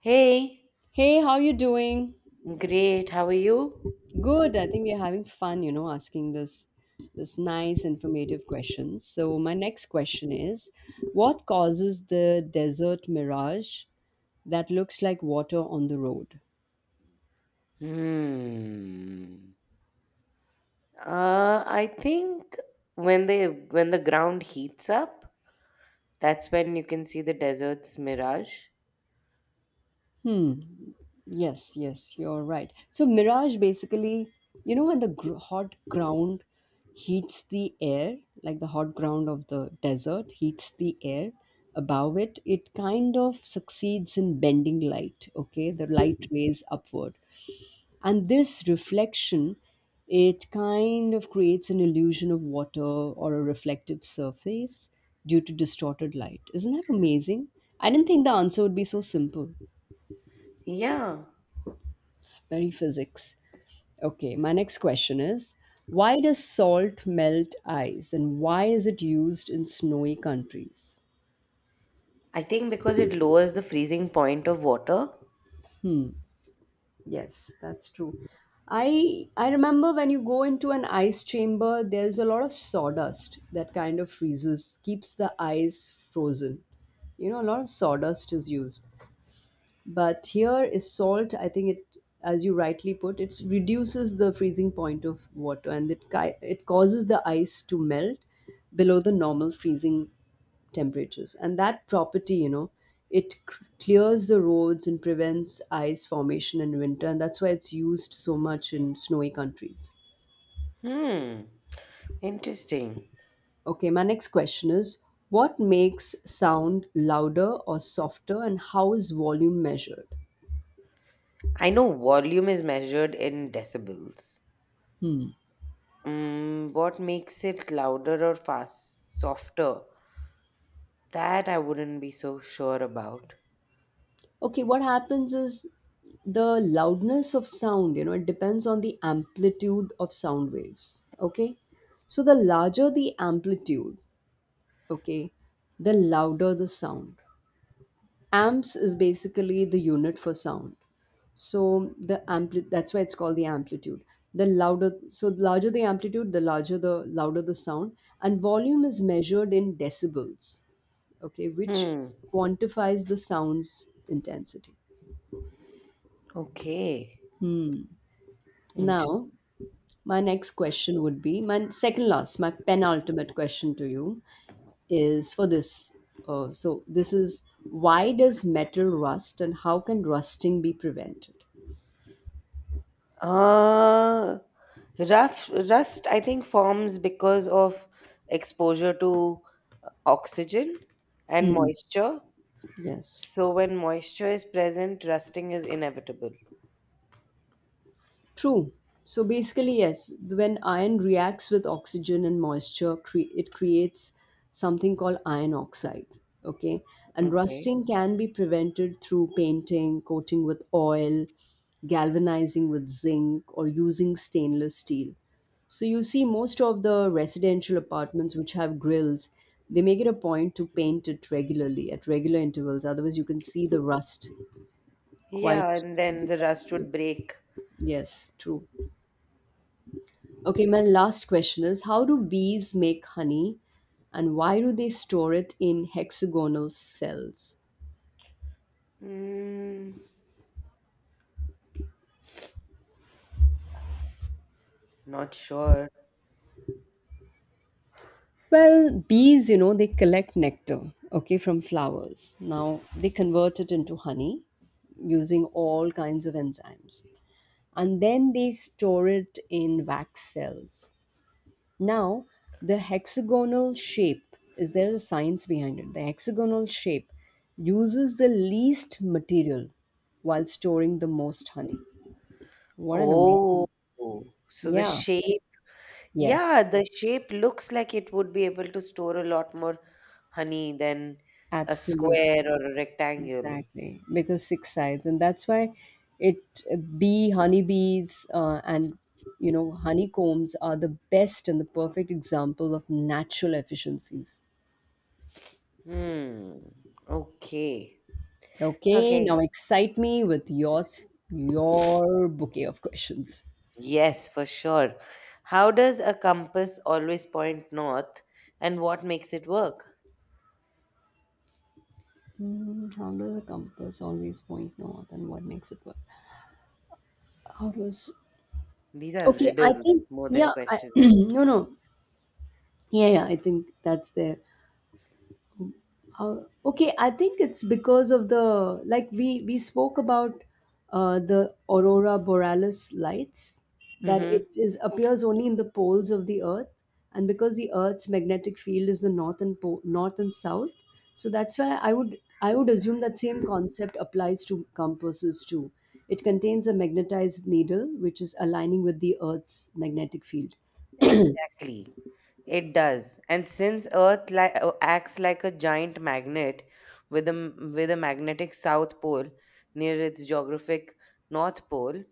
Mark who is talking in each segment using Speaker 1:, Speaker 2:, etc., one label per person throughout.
Speaker 1: Hey,
Speaker 2: Hey, how you doing?
Speaker 1: great. How are you?
Speaker 2: Good. I think we're having fun, you know, asking this nice informative questions. So my next question is, what causes the desert mirage that looks like water on the road?
Speaker 1: Hmm. I think when the ground heats up, that's when you can see the desert's mirage.
Speaker 2: Hmm. Yes, yes, you're right. So mirage basically, you know, when the hot ground heats the air, like the hot ground of the desert heats the air above it, it kind of succeeds in bending light, okay? The light rays upward. And this reflection, it kind of creates an illusion of water or a reflective surface due to distorted light. Isn't that amazing? I didn't think the answer would be so simple.
Speaker 1: Yeah,
Speaker 2: Very physics. Okay, my next question is, why does salt melt ice and why is it used in snowy countries?
Speaker 1: I think because it lowers the freezing point of water.
Speaker 2: Yes, that's true. I remember when you go into an ice chamber, there's a lot of sawdust that kind of freezes, keeps the ice frozen. You know, a lot of sawdust is used. But here is salt, I think, it, as you rightly put it, reduces the freezing point of water, and it causes the ice to melt below the normal freezing temperatures. And that property, you know, clears the roads and prevents ice formation in winter, and that's why it's used so much in snowy countries.
Speaker 1: Hmm. Interesting.
Speaker 2: Okay, my next question is, what makes sound louder or softer and how is volume measured?
Speaker 1: I know volume is measured in decibels. What makes it louder or fast, softer? That I wouldn't be so sure about.
Speaker 2: Okay, what happens is the loudness of sound, you know, it depends on the amplitude of sound waves. Okay. So the larger the amplitude, okay, the louder the sound. Amps is basically the unit for sound. So that's why it's called the amplitude. The louder so the larger the amplitude, the louder the sound. And volume is measured in decibels, okay, which
Speaker 1: Hmm.
Speaker 2: quantifies the sound's intensity.
Speaker 1: Okay,
Speaker 2: Hmm. Now,
Speaker 1: interesting.
Speaker 2: my next question would be, my second last, my penultimate question to you is for this. So this is, why does metal rust and how can rusting be prevented?
Speaker 1: Uh, rough rust, I think, forms because of exposure to oxygen and
Speaker 2: Hmm.
Speaker 1: moisture.
Speaker 2: Yes.
Speaker 1: So when moisture is present, rusting is inevitable.
Speaker 2: True. So basically, yes, when iron reacts with oxygen and moisture, it creates something called iron oxide. Okay. And
Speaker 1: Okay.
Speaker 2: rusting can be prevented through painting, coating with oil, galvanizing with zinc, or using stainless steel. So you see, most of the residential apartments which have grills, they make it a point to paint it regularly at regular intervals. Otherwise, you can see the rust
Speaker 1: Yeah,
Speaker 2: quite
Speaker 1: and then the
Speaker 2: becomes
Speaker 1: rust
Speaker 2: great.
Speaker 1: would break.
Speaker 2: Yes, true. Okay, my last question is, how do bees make honey and why do they store it in hexagonal cells?
Speaker 1: Mm, not sure.
Speaker 2: Well, bees, you know, they collect nectar, okay, from flowers. Now, they convert it into honey using all kinds of enzymes. And then they store it in wax cells. Now, the hexagonal shape, is there is a science behind it. The hexagonal shape uses the least material while storing the most honey. What an
Speaker 1: Oh,
Speaker 2: amazing.
Speaker 1: so the
Speaker 2: Yeah.
Speaker 1: shape.
Speaker 2: Yes.
Speaker 1: Yeah, the shape looks like it would be able to store a lot more honey than a
Speaker 2: Absolutely.
Speaker 1: square or a rectangle.
Speaker 2: Exactly. Because six sides. And that's why it bee honeybees, and, you know, honeycombs are the best and the perfect example of natural efficiencies.
Speaker 1: Hmm. Okay.
Speaker 2: Okay, now
Speaker 1: Okay.
Speaker 2: excite me with your your bouquet of questions.
Speaker 1: Yes, for sure. How does a compass always point north and what makes it work?
Speaker 2: Hmm, how does a compass always point north, and what makes it work? How does,
Speaker 1: These are
Speaker 2: okay? I
Speaker 1: riddles
Speaker 2: think,
Speaker 1: more than
Speaker 2: yeah.
Speaker 1: questions.
Speaker 2: No, no. Yeah, yeah. I think that's there. Uh, okay, I think it's because of the, like we spoke about the aurora borealis lights, that
Speaker 1: Mm-hmm.
Speaker 2: it is appears only in the poles of the Earth, and because the Earth's magnetic field is the north and north and south, so that's why I would assume that same concept applies to compasses too. It contains a magnetized needle which is aligning with the Earth's magnetic field.
Speaker 1: Exactly. It does. And since Earth acts like a giant magnet with with a magnetic south pole near its geographic north pole,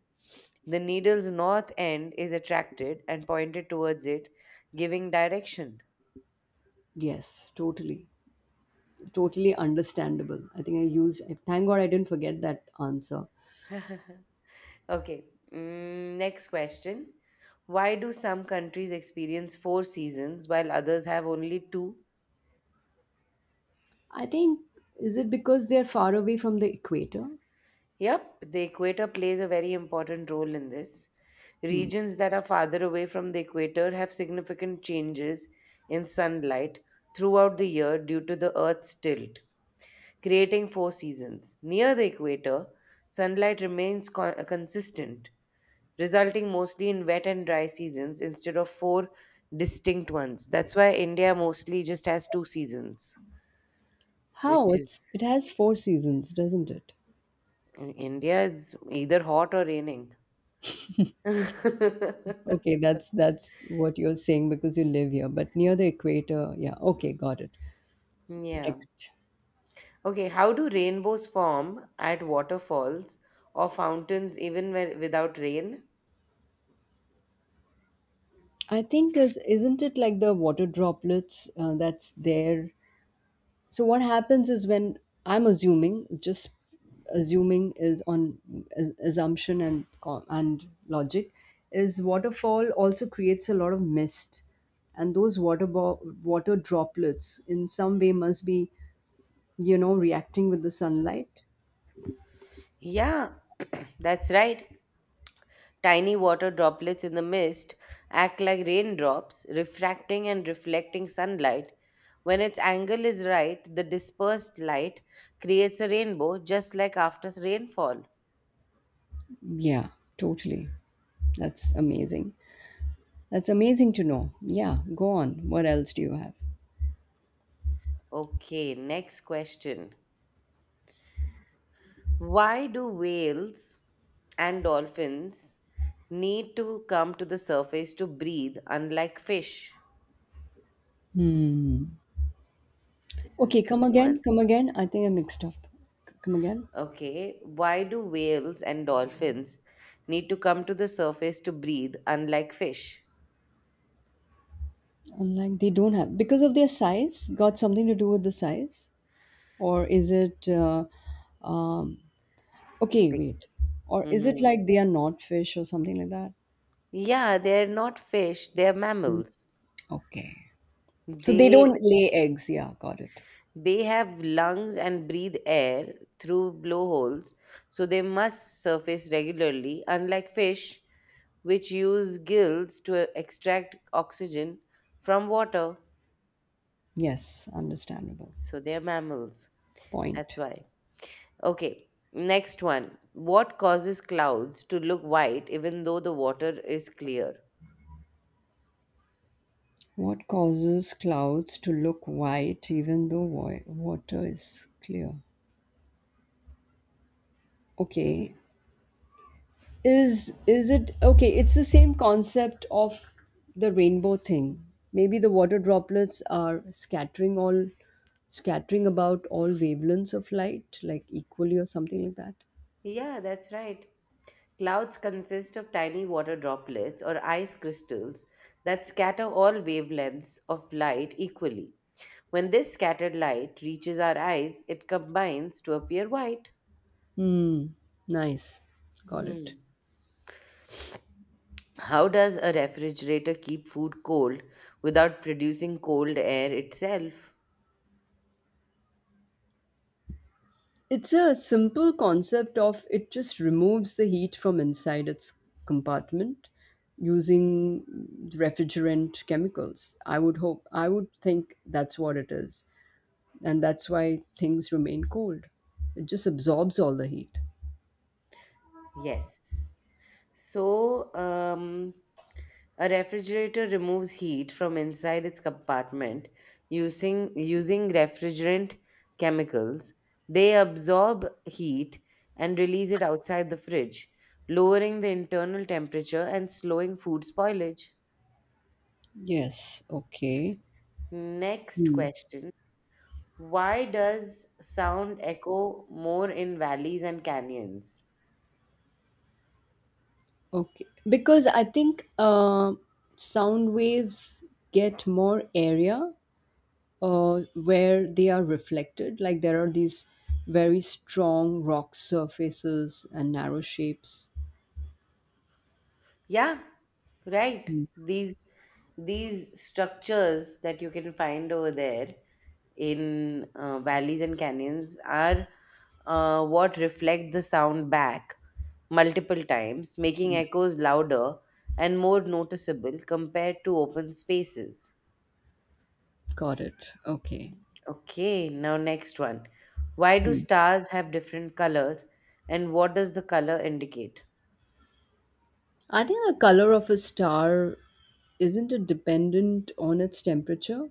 Speaker 1: the needle's north end is attracted and pointed towards it, giving direction.
Speaker 2: Yes, totally. Totally understandable. I think I used, thank God I didn't forget that answer.
Speaker 1: Okay, next question. Why do some countries experience four seasons while others have only two?
Speaker 2: I think, is it because they're far away from the equator?
Speaker 1: Yep, the equator plays a very important role in this.
Speaker 2: Hmm.
Speaker 1: Regions that are farther away from the equator have significant changes in sunlight throughout the year due to the Earth's tilt, creating four seasons. Near the equator, sunlight remains consistent, resulting mostly in wet and dry seasons instead of four distinct ones. That's why India mostly just has two seasons,
Speaker 2: How?
Speaker 1: which
Speaker 2: It's,
Speaker 1: is
Speaker 2: it has four seasons, doesn't it?
Speaker 1: India is either hot or raining.
Speaker 2: Okay, that's what you're saying because you live here, but near the equator, yeah. Okay, got it.
Speaker 1: Yeah.
Speaker 2: Next.
Speaker 1: Okay, how do rainbows form at waterfalls or fountains even where, without rain?
Speaker 2: I think, is isn't it like the water droplets that's there. So what happens is when, I'm assuming, just assuming is on, is assumption and logic, is waterfall also creates a lot of mist, and those water droplets in some way must be, you know, reacting with the sunlight.
Speaker 1: Yeah, that's right. Tiny water droplets in the mist act like raindrops, refracting and reflecting sunlight. When its angle is right, the dispersed light creates a rainbow, just like after rainfall.
Speaker 2: Yeah, totally. That's amazing. That's amazing to know. Yeah, go on. What else do you have?
Speaker 1: Okay, next question. Why do whales and dolphins need to come to the surface to breathe, unlike fish? This is a
Speaker 2: Okay, come
Speaker 1: simple one.
Speaker 2: again. Come again. I think I mixed up. Come again.
Speaker 1: Okay. Why do whales and dolphins need to come to the surface to breathe, unlike fish?
Speaker 2: I'm like, they don't have because of their size. Got something to do with the size, or is it? Um, okay,
Speaker 1: Be-
Speaker 2: wait, or is it
Speaker 1: Mhm.
Speaker 2: like they are not fish or something like that?
Speaker 1: Yeah, they're not fish, they're mammals.
Speaker 2: Okay, so they
Speaker 1: They
Speaker 2: don't lay eggs. Yeah, got it.
Speaker 1: They have lungs and breathe air through blowholes, so they must surface regularly, unlike fish, which use gills to extract oxygen from water.
Speaker 2: Yes, understandable.
Speaker 1: So they are mammals. That's
Speaker 2: Point.
Speaker 1: why. Okay, next one. What causes clouds to look white even though the water is clear?
Speaker 2: What causes clouds to look white even though water is clear? Okay, is it okay? It's the same concept of the rainbow thing. Maybe the water droplets are scattering about all wavelengths of light, like equally or something like that.
Speaker 1: Yeah, that's right. Clouds consist of tiny water droplets or ice crystals that scatter all wavelengths of light equally. When this scattered light reaches our eyes, it combines to appear white.
Speaker 2: Hmm. Nice. Got it.
Speaker 1: Hmm. How does a refrigerator keep food cold without producing cold air itself?
Speaker 2: It's a simple concept of, it just removes the heat from inside its compartment using refrigerant chemicals. I would hope, I would think that's what it is. And that's why things remain cold. It just absorbs all the heat.
Speaker 1: Yes. So, um, A refrigerator removes heat from inside its compartment using refrigerant chemicals. They absorb heat and release it outside the fridge, lowering the internal temperature and slowing food spoilage.
Speaker 2: Yes, okay.
Speaker 1: Next
Speaker 2: Hmm.
Speaker 1: question. Why does sound echo more in valleys and canyons?
Speaker 2: Okay. Because I think sound waves get more area where they are reflected. Like there are these very strong rock surfaces and narrow shapes.
Speaker 1: Yeah, right.
Speaker 2: Hmm.
Speaker 1: These these structures that you can find over there in valleys and canyons are what reflect the sound back multiple times, making echoes louder and more noticeable compared to open spaces.
Speaker 2: Got it. Okay.
Speaker 1: Okay, now next one. Why do
Speaker 2: Hmm.
Speaker 1: stars have different colors and what does the color indicate?
Speaker 2: I think the color of a star, isn't it dependent on its temperature?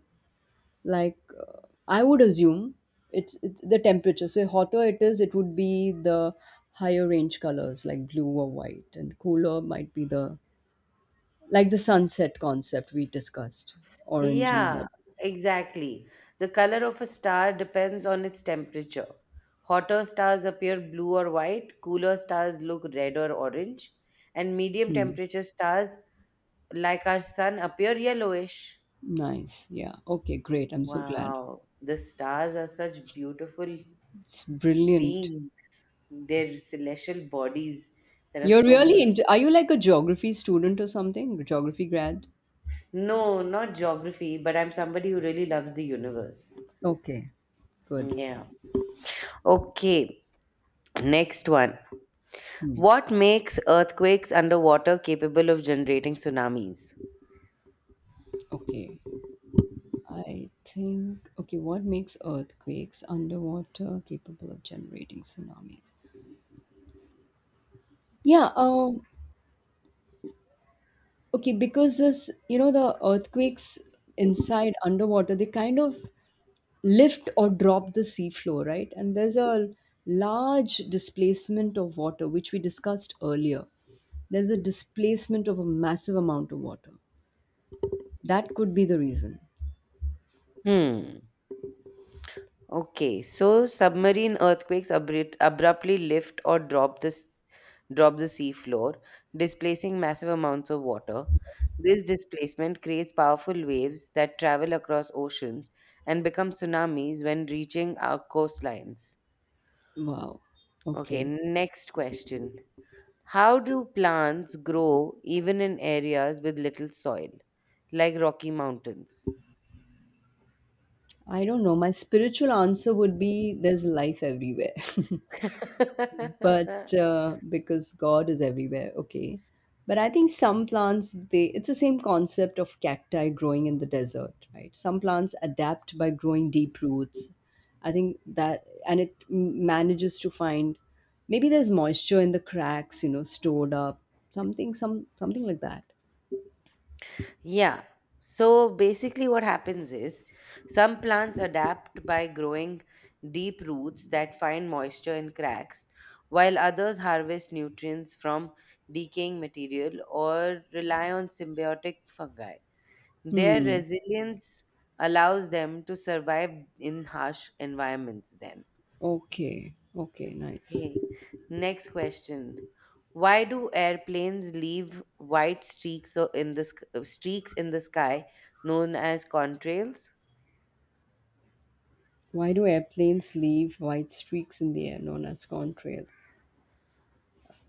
Speaker 2: Like, I would assume it's the temperature, so hotter it is, it would be the higher range colors like blue or white, and cooler might be the, like the sunset concept we discussed, orange and
Speaker 1: Yeah,
Speaker 2: red.
Speaker 1: exactly. The color of a star depends on its temperature. Hotter stars appear blue or white, cooler stars look red or orange, and medium
Speaker 2: Hmm.
Speaker 1: temperature stars, like our sun, appear yellowish.
Speaker 2: Nice, yeah, okay, great, I'm so glad
Speaker 1: Wow, the stars are such beautiful
Speaker 2: it's brilliant.
Speaker 1: beings. Their celestial bodies that are
Speaker 2: You're
Speaker 1: so
Speaker 2: really
Speaker 1: beautiful.
Speaker 2: into, are you like a geography student or something, geography grad?
Speaker 1: No, not geography, but I'm somebody who really loves the universe.
Speaker 2: Okay, good.
Speaker 1: Yeah. Okay. Next one.
Speaker 2: Hmm.
Speaker 1: What makes earthquakes underwater capable of generating tsunamis?
Speaker 2: Okay, I think, okay, what makes earthquakes underwater capable of generating tsunamis? Yeah, okay, because this, you know, the earthquakes inside underwater, they kind of lift or drop the seafloor, right? And there's a large displacement of water, which we discussed earlier. There's a displacement of a massive amount of water. That could be the reason.
Speaker 1: Hmm. Okay. So submarine earthquakes abruptly lift or drop the drop the sea floor, displacing massive amounts of water. This displacement creates powerful waves that travel across oceans and become tsunamis when reaching our coastlines.
Speaker 2: Wow.
Speaker 1: Okay,
Speaker 2: Okay.
Speaker 1: next question. How do plants grow even in areas with little soil, like Rocky Mountains?
Speaker 2: I don't know. My spiritual answer would be there's life everywhere. But because God is everywhere, okay. But I think some plants, they, it's the same concept of cacti growing in the desert, right? Some plants adapt by growing deep roots. I think that, and manages to find, maybe there's moisture in the cracks, you know, stored up, something, something like that.
Speaker 1: Yeah. So basically, what happens is some plants adapt by growing deep roots that find moisture in cracks, while others harvest nutrients from decaying material or rely on symbiotic fungi. Their
Speaker 2: Hmm.
Speaker 1: resilience allows them to survive in harsh environments, then.
Speaker 2: Okay. Okay. Nice.
Speaker 1: Hey, next question. Why do airplanes leave white streaks streaks in the sky known as contrails?
Speaker 2: Why do airplanes leave white streaks in the air known as contrails?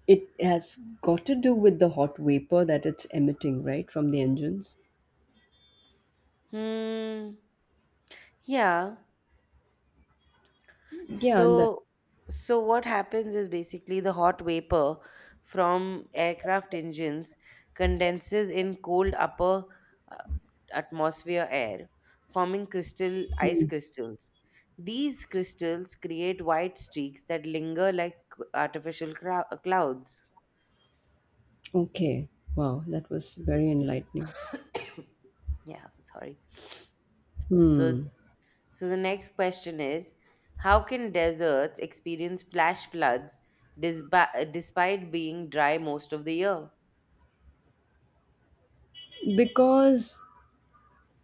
Speaker 2: It has got to do with the hot vapor that it's emitting, right, from the engines?
Speaker 1: Hmm. Yeah.
Speaker 2: Yeah, and that,
Speaker 1: So, so what happens is basically the hot vapor from aircraft engines condenses in cold upper uh, atmosphere air, forming crystal ice
Speaker 2: mm,
Speaker 1: crystals. These crystals create white streaks that linger like artificial clouds.
Speaker 2: okay. Wow, that was very enlightening.
Speaker 1: Yeah, sorry. So,
Speaker 2: Hmm.
Speaker 1: so the next question is, how can deserts experience flash floods despite being dry most of the year?
Speaker 2: Because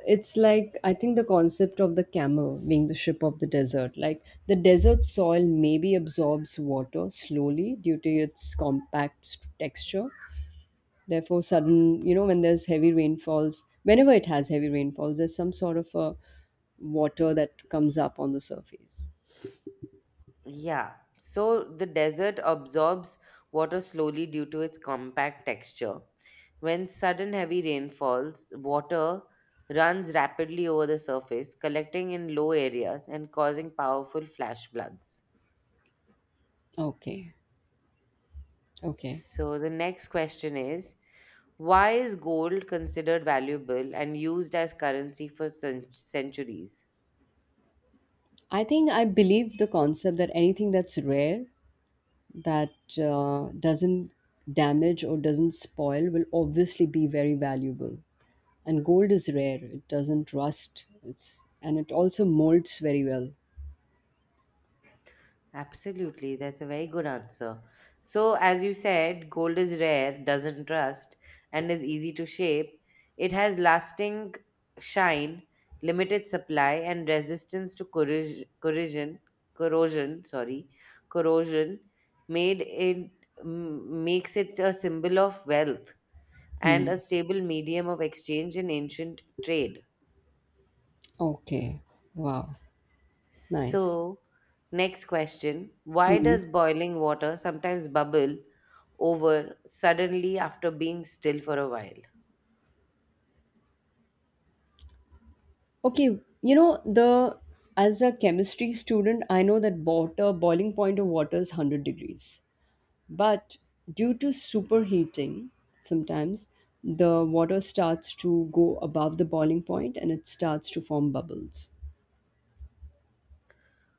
Speaker 2: it's like, I think the concept of the camel being the ship of the desert, like the desert soil maybe absorbs water slowly due to its compact texture. Therefore, sudden, you know, when there's heavy rainfalls, whenever it has heavy rainfalls, there's some sort of a water that comes up on the surface.
Speaker 1: Yeah, so the desert absorbs water slowly due to its compact texture. When sudden heavy rain falls, water runs rapidly over the surface, collecting in low areas and causing powerful flash floods.
Speaker 2: Okay. Okay.
Speaker 1: So the next question is why is gold considered valuable and used as currency for centuries?
Speaker 2: I think I believe the concept that anything that's rare, that doesn't damage or doesn't spoil, will obviously be very valuable. And gold is rare, it doesn't rust, it's, and it also molds very well.
Speaker 1: Absolutely, that's a very good answer. So, as you said, gold is rare, doesn't rust, and is easy to shape. It has lasting shine, limited supply, and resistance to corrosion, sorry, corrosion, made it makes it a symbol of wealth and
Speaker 2: Hmm.
Speaker 1: a stable medium of exchange in ancient trade.
Speaker 2: Okay. Wow. Nice.
Speaker 1: So, next question. Why
Speaker 2: Hmm.
Speaker 1: does boiling water sometimes bubble over suddenly after being still for a while?
Speaker 2: Okay, you know, the as a chemistry student, I know that water boiling point of water is 100 degrees. But due to superheating, sometimes the water starts to go above the boiling point and it starts to form bubbles.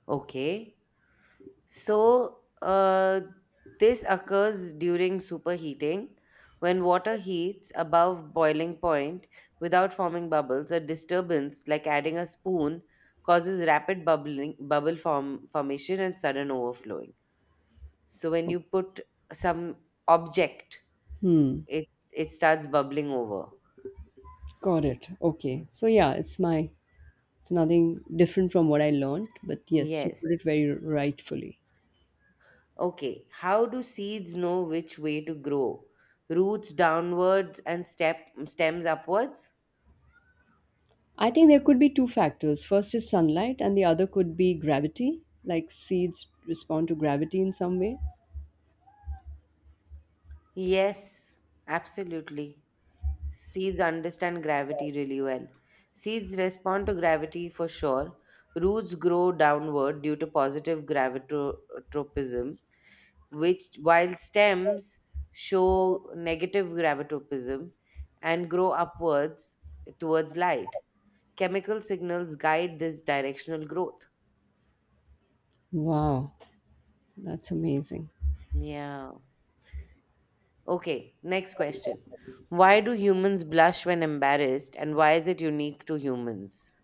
Speaker 1: Okay. So, this occurs during superheating. When water heats above boiling point without forming bubbles, a disturbance like adding a spoon causes rapid formation and sudden overflowing. So, when
Speaker 2: Oh,
Speaker 1: you put some object,
Speaker 2: hmm,
Speaker 1: It's it starts bubbling over.
Speaker 2: got it. Okay. So
Speaker 1: Okay.
Speaker 2: yeah, it's my, it's nothing different from what I learned, but yes, you put it
Speaker 1: Yes.
Speaker 2: very rightfully.
Speaker 1: Okay. How do seeds know which way to grow? Roots downwards and step stems upwards?
Speaker 2: I think there could be two factors. First is sunlight, and the other could be gravity, like seeds respond to gravity in some way.
Speaker 1: Yes, absolutely. Seeds understand gravity really well. Seeds respond to gravity for sure. Roots grow downward due to positive gravitropism, which while stems show negative gravitopism and grow upwards towards light. Chemical signals guide this directional growth.
Speaker 2: Wow, that's amazing.
Speaker 1: Yeah. Okay, next question. Why do humans blush when embarrassed and why is it unique to humans?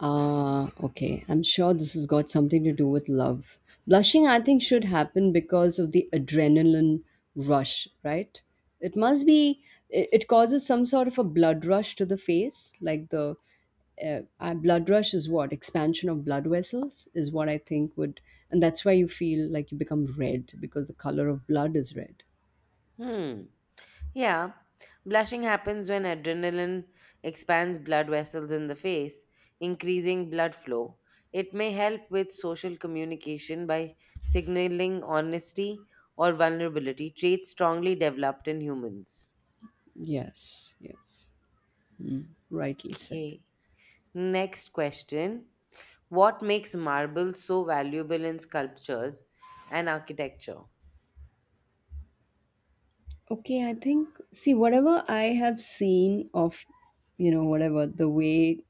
Speaker 2: Ah, okay. I'm sure this has got something to do with love. Blushing, I think, should happen because of the adrenaline rush, right? It must be, it causes some sort of a blood rush to the face. Like the, blood rush is what? Expansion of blood vessels is what I think would, and that's why you feel like you become red because the color of blood is red.
Speaker 1: Hmm. Yeah, blushing happens when adrenaline expands blood vessels in the face, increasing blood flow. It may help with social communication by signaling honesty or vulnerability, traits strongly developed in humans.
Speaker 2: Yes, yes. Rightly said.
Speaker 1: Okay, next question. What makes marble so valuable in sculptures and architecture?
Speaker 2: Okay, I think, see, whatever I have seen of, you know, whatever the way,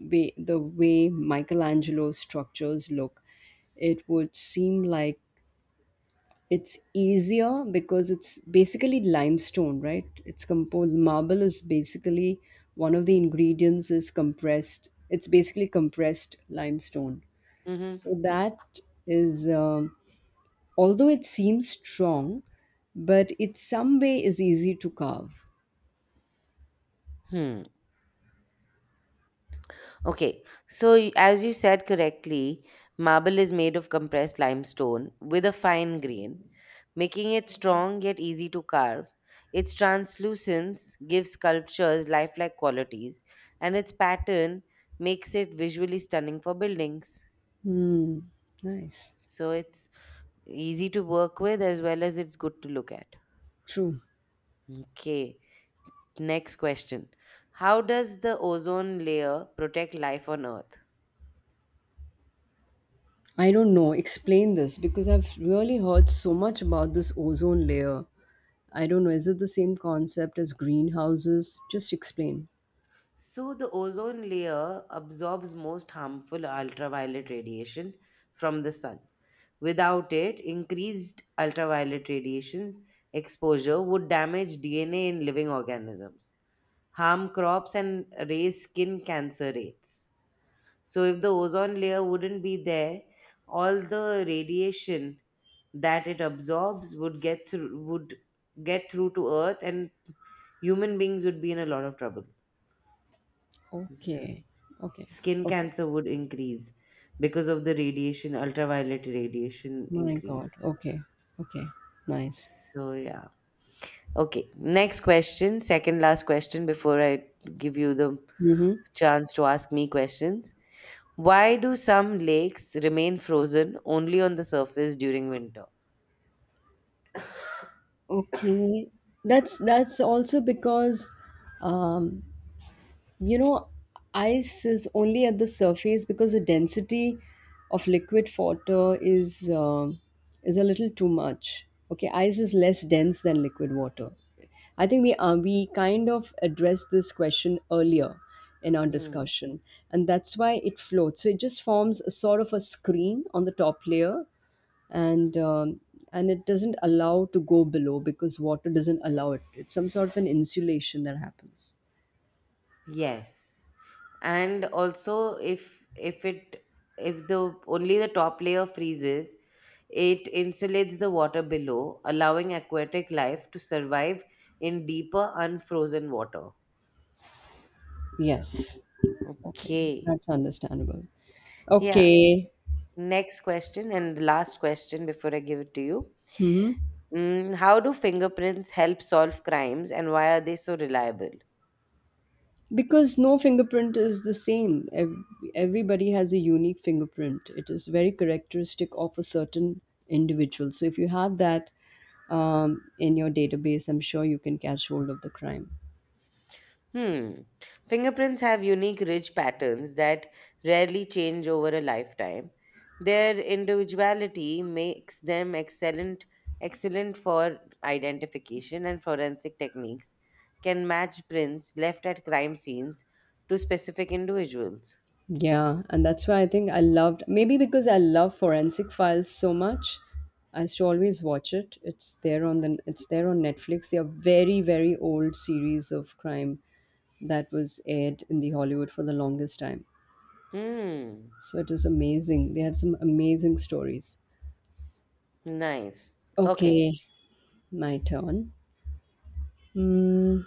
Speaker 2: way the way Michelangelo's structures look, it would seem like it's easier because it's basically limestone, right? It's composed, marble is basically, one of the ingredients is compressed. It's basically compressed limestone.
Speaker 1: Mm-hmm.
Speaker 2: So that is, although it seems strong, but it some way is easy to carve.
Speaker 1: Okay, so as you said correctly, marble is made of compressed limestone with a fine grain, making it strong yet easy to carve. Its translucence gives sculptures lifelike qualities, and its pattern makes it visually stunning for buildings.
Speaker 2: Hmm. Nice.
Speaker 1: So it's easy to work with as well as it's good to look at.
Speaker 2: True.
Speaker 1: Okay, next question. How does the ozone layer protect life on Earth?
Speaker 2: I don't know. Explain this because I've really heard so much about this ozone layer. I don't know. Is it the same concept as greenhouses? Just explain.
Speaker 1: So, the ozone layer absorbs most harmful ultraviolet radiation from the sun. Without it, increased ultraviolet radiation exposure would damage DNA in living organisms, harm crops, and raise skin cancer rates. So, if the ozone layer wouldn't be there, all the radiation that it absorbs would would get through to Earth, and human beings would be in a lot of trouble.
Speaker 2: Okay. Okay.
Speaker 1: Skin
Speaker 2: Okay.
Speaker 1: cancer would increase because of the radiation, ultraviolet radiation
Speaker 2: My God.
Speaker 1: increase.
Speaker 2: Okay. Okay. Nice.
Speaker 1: So, yeah. Okay, next question, second last question before I give you the
Speaker 2: Mm-hmm.
Speaker 1: chance to ask me questions. Why do some lakes remain frozen only on the surface during winter?
Speaker 2: Okay. That's also because um, you know ice is only at the surface because the density of liquid water is a little too much. Okay, ice is less dense than liquid water. I think we kind of addressed this question earlier in our
Speaker 1: Hmm.
Speaker 2: discussion, and that's why it floats. So it just forms a sort of a screen on the top layer, and um, and it doesn't allow to go below because water doesn't allow it. It's some sort of an insulation that happens.
Speaker 1: Yes. And also if the only the top layer freezes, it insulates the water below, allowing aquatic life to survive in deeper unfrozen water.
Speaker 2: Yes. Okay,
Speaker 1: Okay.
Speaker 2: that's understandable.
Speaker 1: Yeah.
Speaker 2: Okay.
Speaker 1: Next question and the last question before I give it to you.
Speaker 2: Hmm.
Speaker 1: Mm, how do fingerprints help solve crimes and why are they so reliable?
Speaker 2: Because no fingerprint is the same. Everybody has a unique fingerprint. It is very characteristic of a certain individual. So if you have that in your database, I'm sure you can catch hold of the crime.
Speaker 1: Hmm. Fingerprints have unique ridge patterns that rarely change over a lifetime. Their individuality makes them excellent for identification and forensic techniques can match prints left at crime scenes to specific individuals.
Speaker 2: Yeah, and that's why I think I loved, maybe because I love Forensic Files so much. I used to always watch it. It's there on the it's there on Netflix. They are very very old series of crime that was aired in the Hollywood for the longest time.
Speaker 1: Hmm.
Speaker 2: So it is amazing. They have some amazing stories.
Speaker 1: Nice. Okay.
Speaker 2: Okay, my turn. Hmm.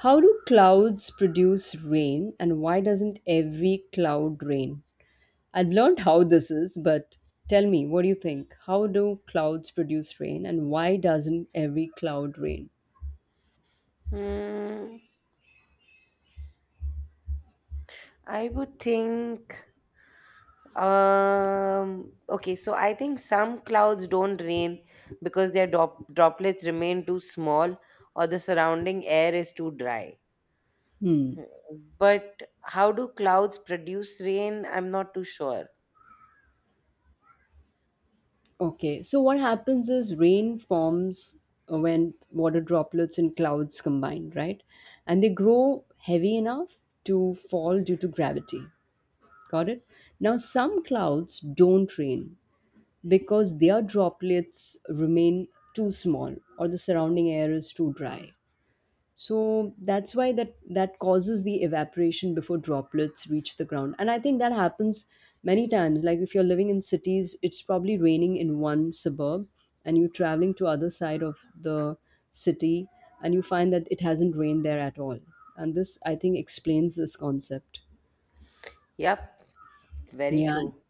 Speaker 2: How do clouds produce rain, and why doesn't every cloud rain? I've learned how this is, but tell me, what do you think? How do clouds produce rain and why doesn't every cloud rain?
Speaker 1: Hmm. I would think. Okay, so I think some clouds don't rain because their droplets remain too small or the surrounding air is too dry.
Speaker 2: Hmm.
Speaker 1: But how do clouds produce rain? I'm not too sure.
Speaker 2: Okay. So what happens is rain forms when water droplets and clouds combine, right? And they grow heavy enough to fall due to gravity. Got it? Now some clouds don't rain because their droplets remain too small or the surrounding air is too dry. So that's why that causes the evaporation before droplets reach the ground. And I think that happens many times. Like if you're living in cities, it's probably raining in one suburb and you're traveling to other side of the city and you find that it hasn't rained there at all. And this I think explains this concept.
Speaker 1: Yep, very
Speaker 2: Yeah.
Speaker 1: true.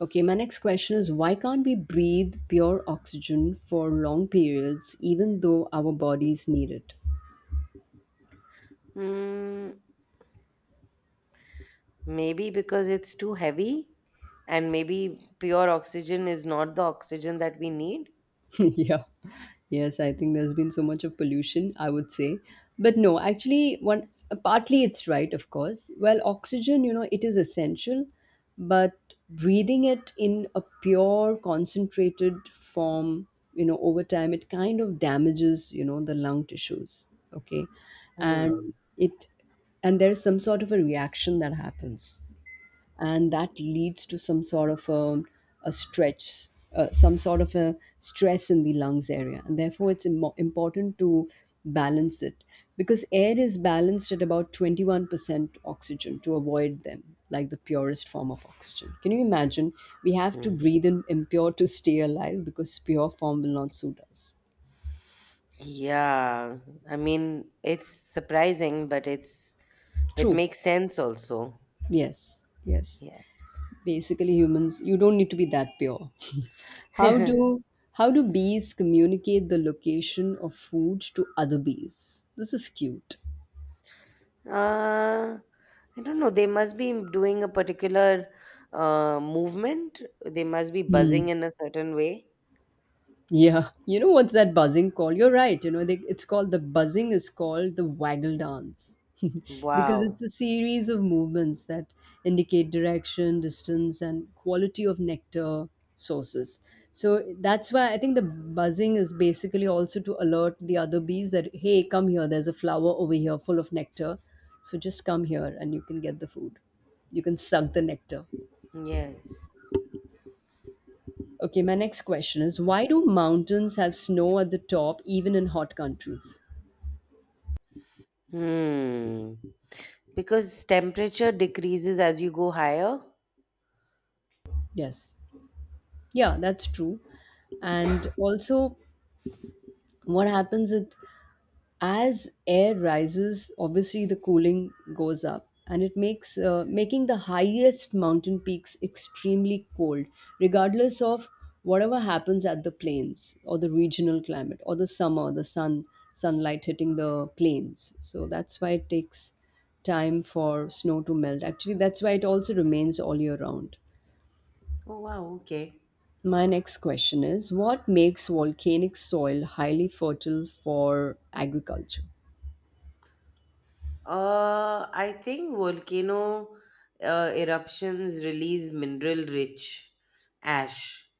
Speaker 2: Okay, my next question is, why can't we breathe pure oxygen for long periods even though our bodies need it?
Speaker 1: Hmm, maybe because it's too heavy and maybe pure oxygen is not the oxygen that we need.
Speaker 2: Yeah. Yes, I think there's been so much of pollution, I would say. But no, actually, one partly it's right, of course. Well, oxygen, you know, it is essential, but breathing it in a pure concentrated form, you know, over time it kind of damages, you know, the lung tissues. Okay,
Speaker 1: Hmm.
Speaker 2: and it, and there is some sort of a reaction that happens, and that leads to some sort of a stretch, some sort of a stress in the lungs area. And therefore it's important to balance it, because air is balanced at about 21% oxygen, to avoid them. Like the purest form of oxygen, can you imagine? We have to
Speaker 1: Hmm.
Speaker 2: breathe in impure to stay alive because pure form will not suit us.
Speaker 1: Yeah, I mean, it's surprising, but it
Speaker 2: True.
Speaker 1: makes sense also.
Speaker 2: Yes, yes.
Speaker 1: Yes.
Speaker 2: Basically humans, you don't need to be that pure. how do how do bees communicate the location of food to other bees? This is cute.
Speaker 1: Uh, I don't know. They must be doing a particular movement. They must be
Speaker 2: Hmm.
Speaker 1: buzzing in a certain way.
Speaker 2: Yeah, you know what's that buzzing called? You're right. You know, they, it's called, the buzzing is called the waggle dance because
Speaker 1: Wow.
Speaker 2: it's a series of movements that indicate direction, distance, and quality of nectar sources. So that's why I think the buzzing is basically also to alert the other bees that hey, come here. There's a flower over here full of nectar, so just come here and you can get the food. You can suck the nectar.
Speaker 1: Yes.
Speaker 2: Okay, my next question is, why do mountains have snow at the top even in hot countries?
Speaker 1: Hmm. Because temperature decreases as you go higher.
Speaker 2: Yes. Yeah, that's true. And also, what happens is, as air rises, obviously the cooling goes up, and it makes making the highest mountain peaks extremely cold regardless of whatever happens at the plains or the regional climate or the summer, the sunlight hitting the plains. So that's why it takes time for snow to melt actually. That's why it also remains all year round.
Speaker 1: Oh, wow. Okay.
Speaker 2: My next question is, what makes volcanic soil highly fertile for agriculture?
Speaker 1: I think volcano eruptions release mineral rich ash,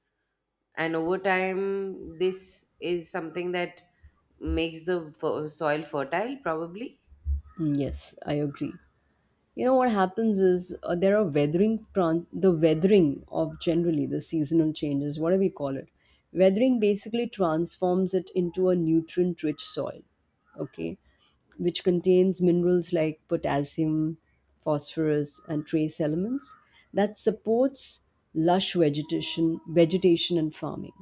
Speaker 1: and over time this is something that makes the soil fertile probably.
Speaker 2: Mm, yes, I agree. You know what happens is, there are the weathering of generally the seasonal changes, whatever we call it. Weathering basically transforms it into a nutrient rich soil, okay, which contains minerals like potassium, phosphorus and trace elements that supports lush vegetation and farming.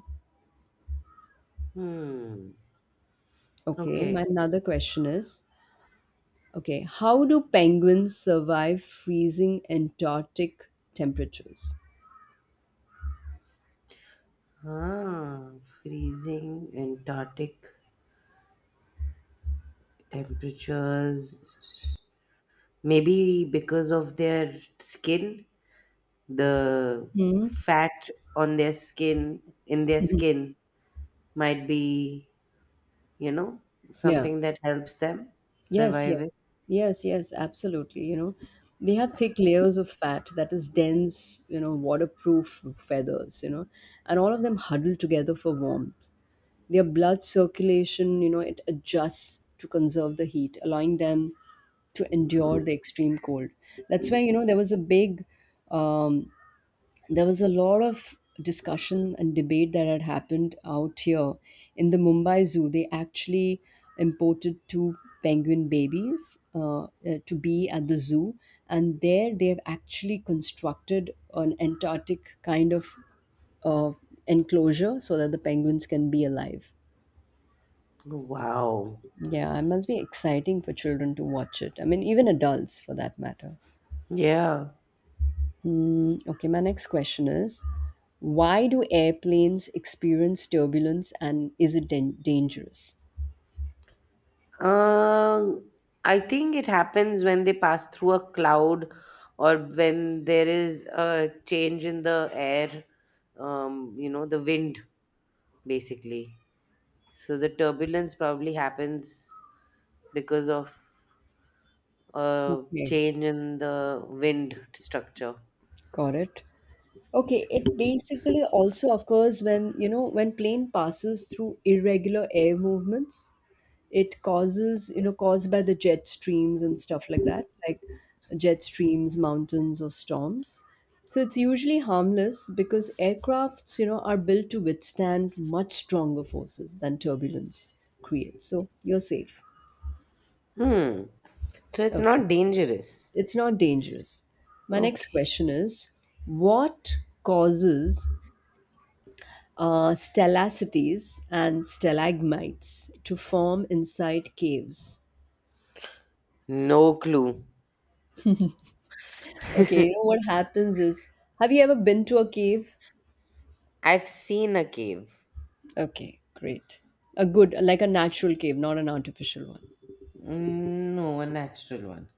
Speaker 1: Hmm.
Speaker 2: Okay, my
Speaker 1: Okay.
Speaker 2: another question is, okay, how do penguins survive freezing antarctic temperatures?
Speaker 1: Ah, freezing antarctic temperatures, maybe because of their skin, the fat on their skin in their skin might be, you know,
Speaker 2: Yeah.
Speaker 1: something that helps them
Speaker 2: Yes,
Speaker 1: survive
Speaker 2: yes.
Speaker 1: it.
Speaker 2: Yes, yes, absolutely. You know, they have thick layers of fat that is dense, you know, waterproof feathers, you know, and all of them huddle together for warmth. Their blood circulation, you know, it adjusts to conserve the heat, allowing them to endure the extreme cold. That's why, you know, there was a big um, there was a lot of discussion and debate that had happened out here in the Mumbai Zoo. They actually imported two penguin babies to be at the zoo, and there they have actually constructed an Antarctic kind of uh, enclosure so that the penguins can be alive.
Speaker 1: Wow.
Speaker 2: Yeah, it must be exciting for children to watch it. I mean, even adults for that matter.
Speaker 1: Yeah.
Speaker 2: Mm, okay, my next question is, why do airplanes experience turbulence and is it dangerous?
Speaker 1: Um, I think it happens when they pass through a cloud or when there is a change in the air, you know, the wind basically. So the turbulence probably happens because of a
Speaker 2: Okay.
Speaker 1: change in the wind structure.
Speaker 2: Got it? Okay, it basically also occurs when, you know, when plane passes through irregular air movements. It causes, you know, caused by the jet streams and stuff like that, like jet streams, mountains, or storms. So it's usually harmless because aircrafts, you know, are built to withstand much stronger forces than turbulence creates. So you're safe.
Speaker 1: Hmm. So it's
Speaker 2: Okay.
Speaker 1: not dangerous.
Speaker 2: It's not dangerous. My next
Speaker 1: Okay.
Speaker 2: question is, what causes stellacities and stalagmites to form inside caves.
Speaker 1: No clue.
Speaker 2: Okay, you know what happens is, have you ever been to a cave?
Speaker 1: I've seen a cave.
Speaker 2: Okay, great. A good, like a natural cave, not an artificial one.
Speaker 1: Mm, no, a natural one.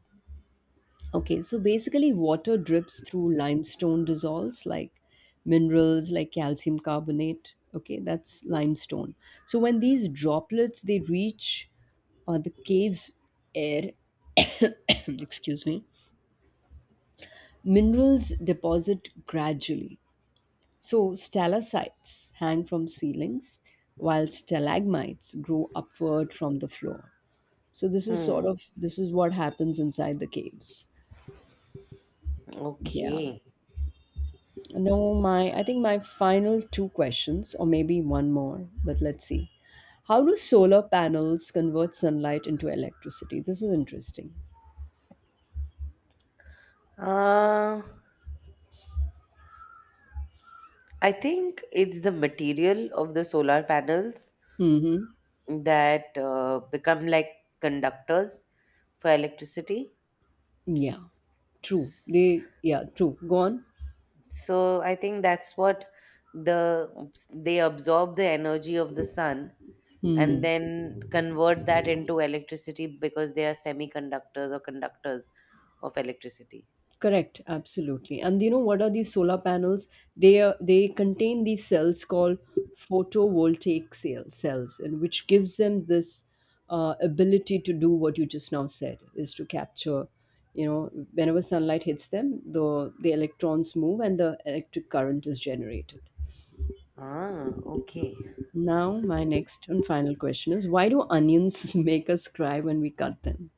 Speaker 2: Okay, so basically, water drips through limestone, dissolves like minerals like calcium carbonate. Okay, that's limestone. So when these droplets they reach the cave's air, excuse me, minerals deposit gradually, so stalactites hang from ceilings while stalagmites grow upward from the floor. So this is sort
Speaker 1: Hmm.
Speaker 2: of, this is what happens inside the caves. Yeah.
Speaker 1: Okay.
Speaker 2: No, my, I think my final two questions, or maybe one more, but let's see. How do solar panels convert sunlight into electricity? This is interesting.
Speaker 1: Uh, I think it's the material of the solar panels
Speaker 2: Mhm.
Speaker 1: that become like conductors for electricity.
Speaker 2: Yeah. True. They,
Speaker 1: S-
Speaker 2: yeah, true. Go on.
Speaker 1: So I think that's what the they absorb the energy of the sun and
Speaker 2: Hmm.
Speaker 1: then convert that into electricity because they are semiconductors or conductors of electricity.
Speaker 2: Correct, absolutely. And you know what are these solar panels? They are, they contain these cells called photovoltaic cells, and which gives them this ability to do what you just now said, is to capture. You know, whenever sunlight hits them, the electrons move and the electric current is generated.
Speaker 1: Ah, okay.
Speaker 2: Now, my next and final question is: why do onions make us cry when we cut them?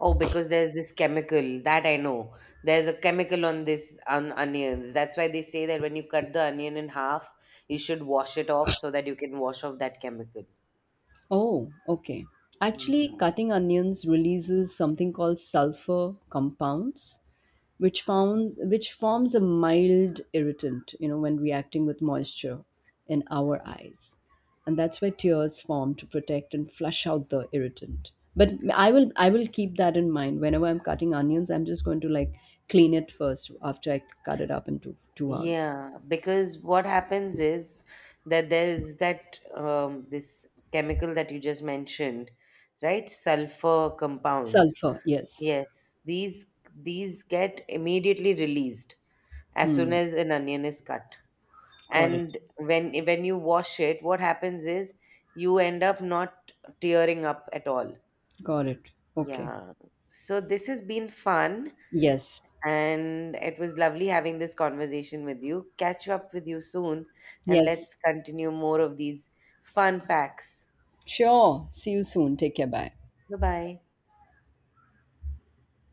Speaker 1: Oh, because there's this chemical that I know. There's a chemical on this on onions. That's why they say that when you cut the onion in half, you should wash it off so that you can wash off that chemical.
Speaker 2: Oh, okay.
Speaker 1: Mm.
Speaker 2: Actually, cutting onions releases something called sulfur compounds, which found which forms a mild irritant, you know, when reacting with moisture in our eyes. And that's why tears form to protect and flush out the irritant. But I will keep that in mind. Whenever I'm cutting onions, I'm just going to like clean it first after I cut it up into two halves.
Speaker 1: Yeah, because what happens is that there's that this chemical that you just mentioned, right? Sulfur compounds.
Speaker 2: Sulfur, yes.
Speaker 1: Yes, these get immediately released as soon
Speaker 2: Hmm.
Speaker 1: as an onion is cut.
Speaker 2: Got it.
Speaker 1: And when you wash it, what happens is you end up not tearing up at all.
Speaker 2: Got it. Okay.
Speaker 1: Yeah, so this has been fun
Speaker 2: Yes.
Speaker 1: and it was lovely having this conversation with you. Catch up with you soon and
Speaker 2: Yes.
Speaker 1: let's continue more of these fun facts.
Speaker 2: Sure. See you soon. Take care. Bye.
Speaker 1: Bye bye.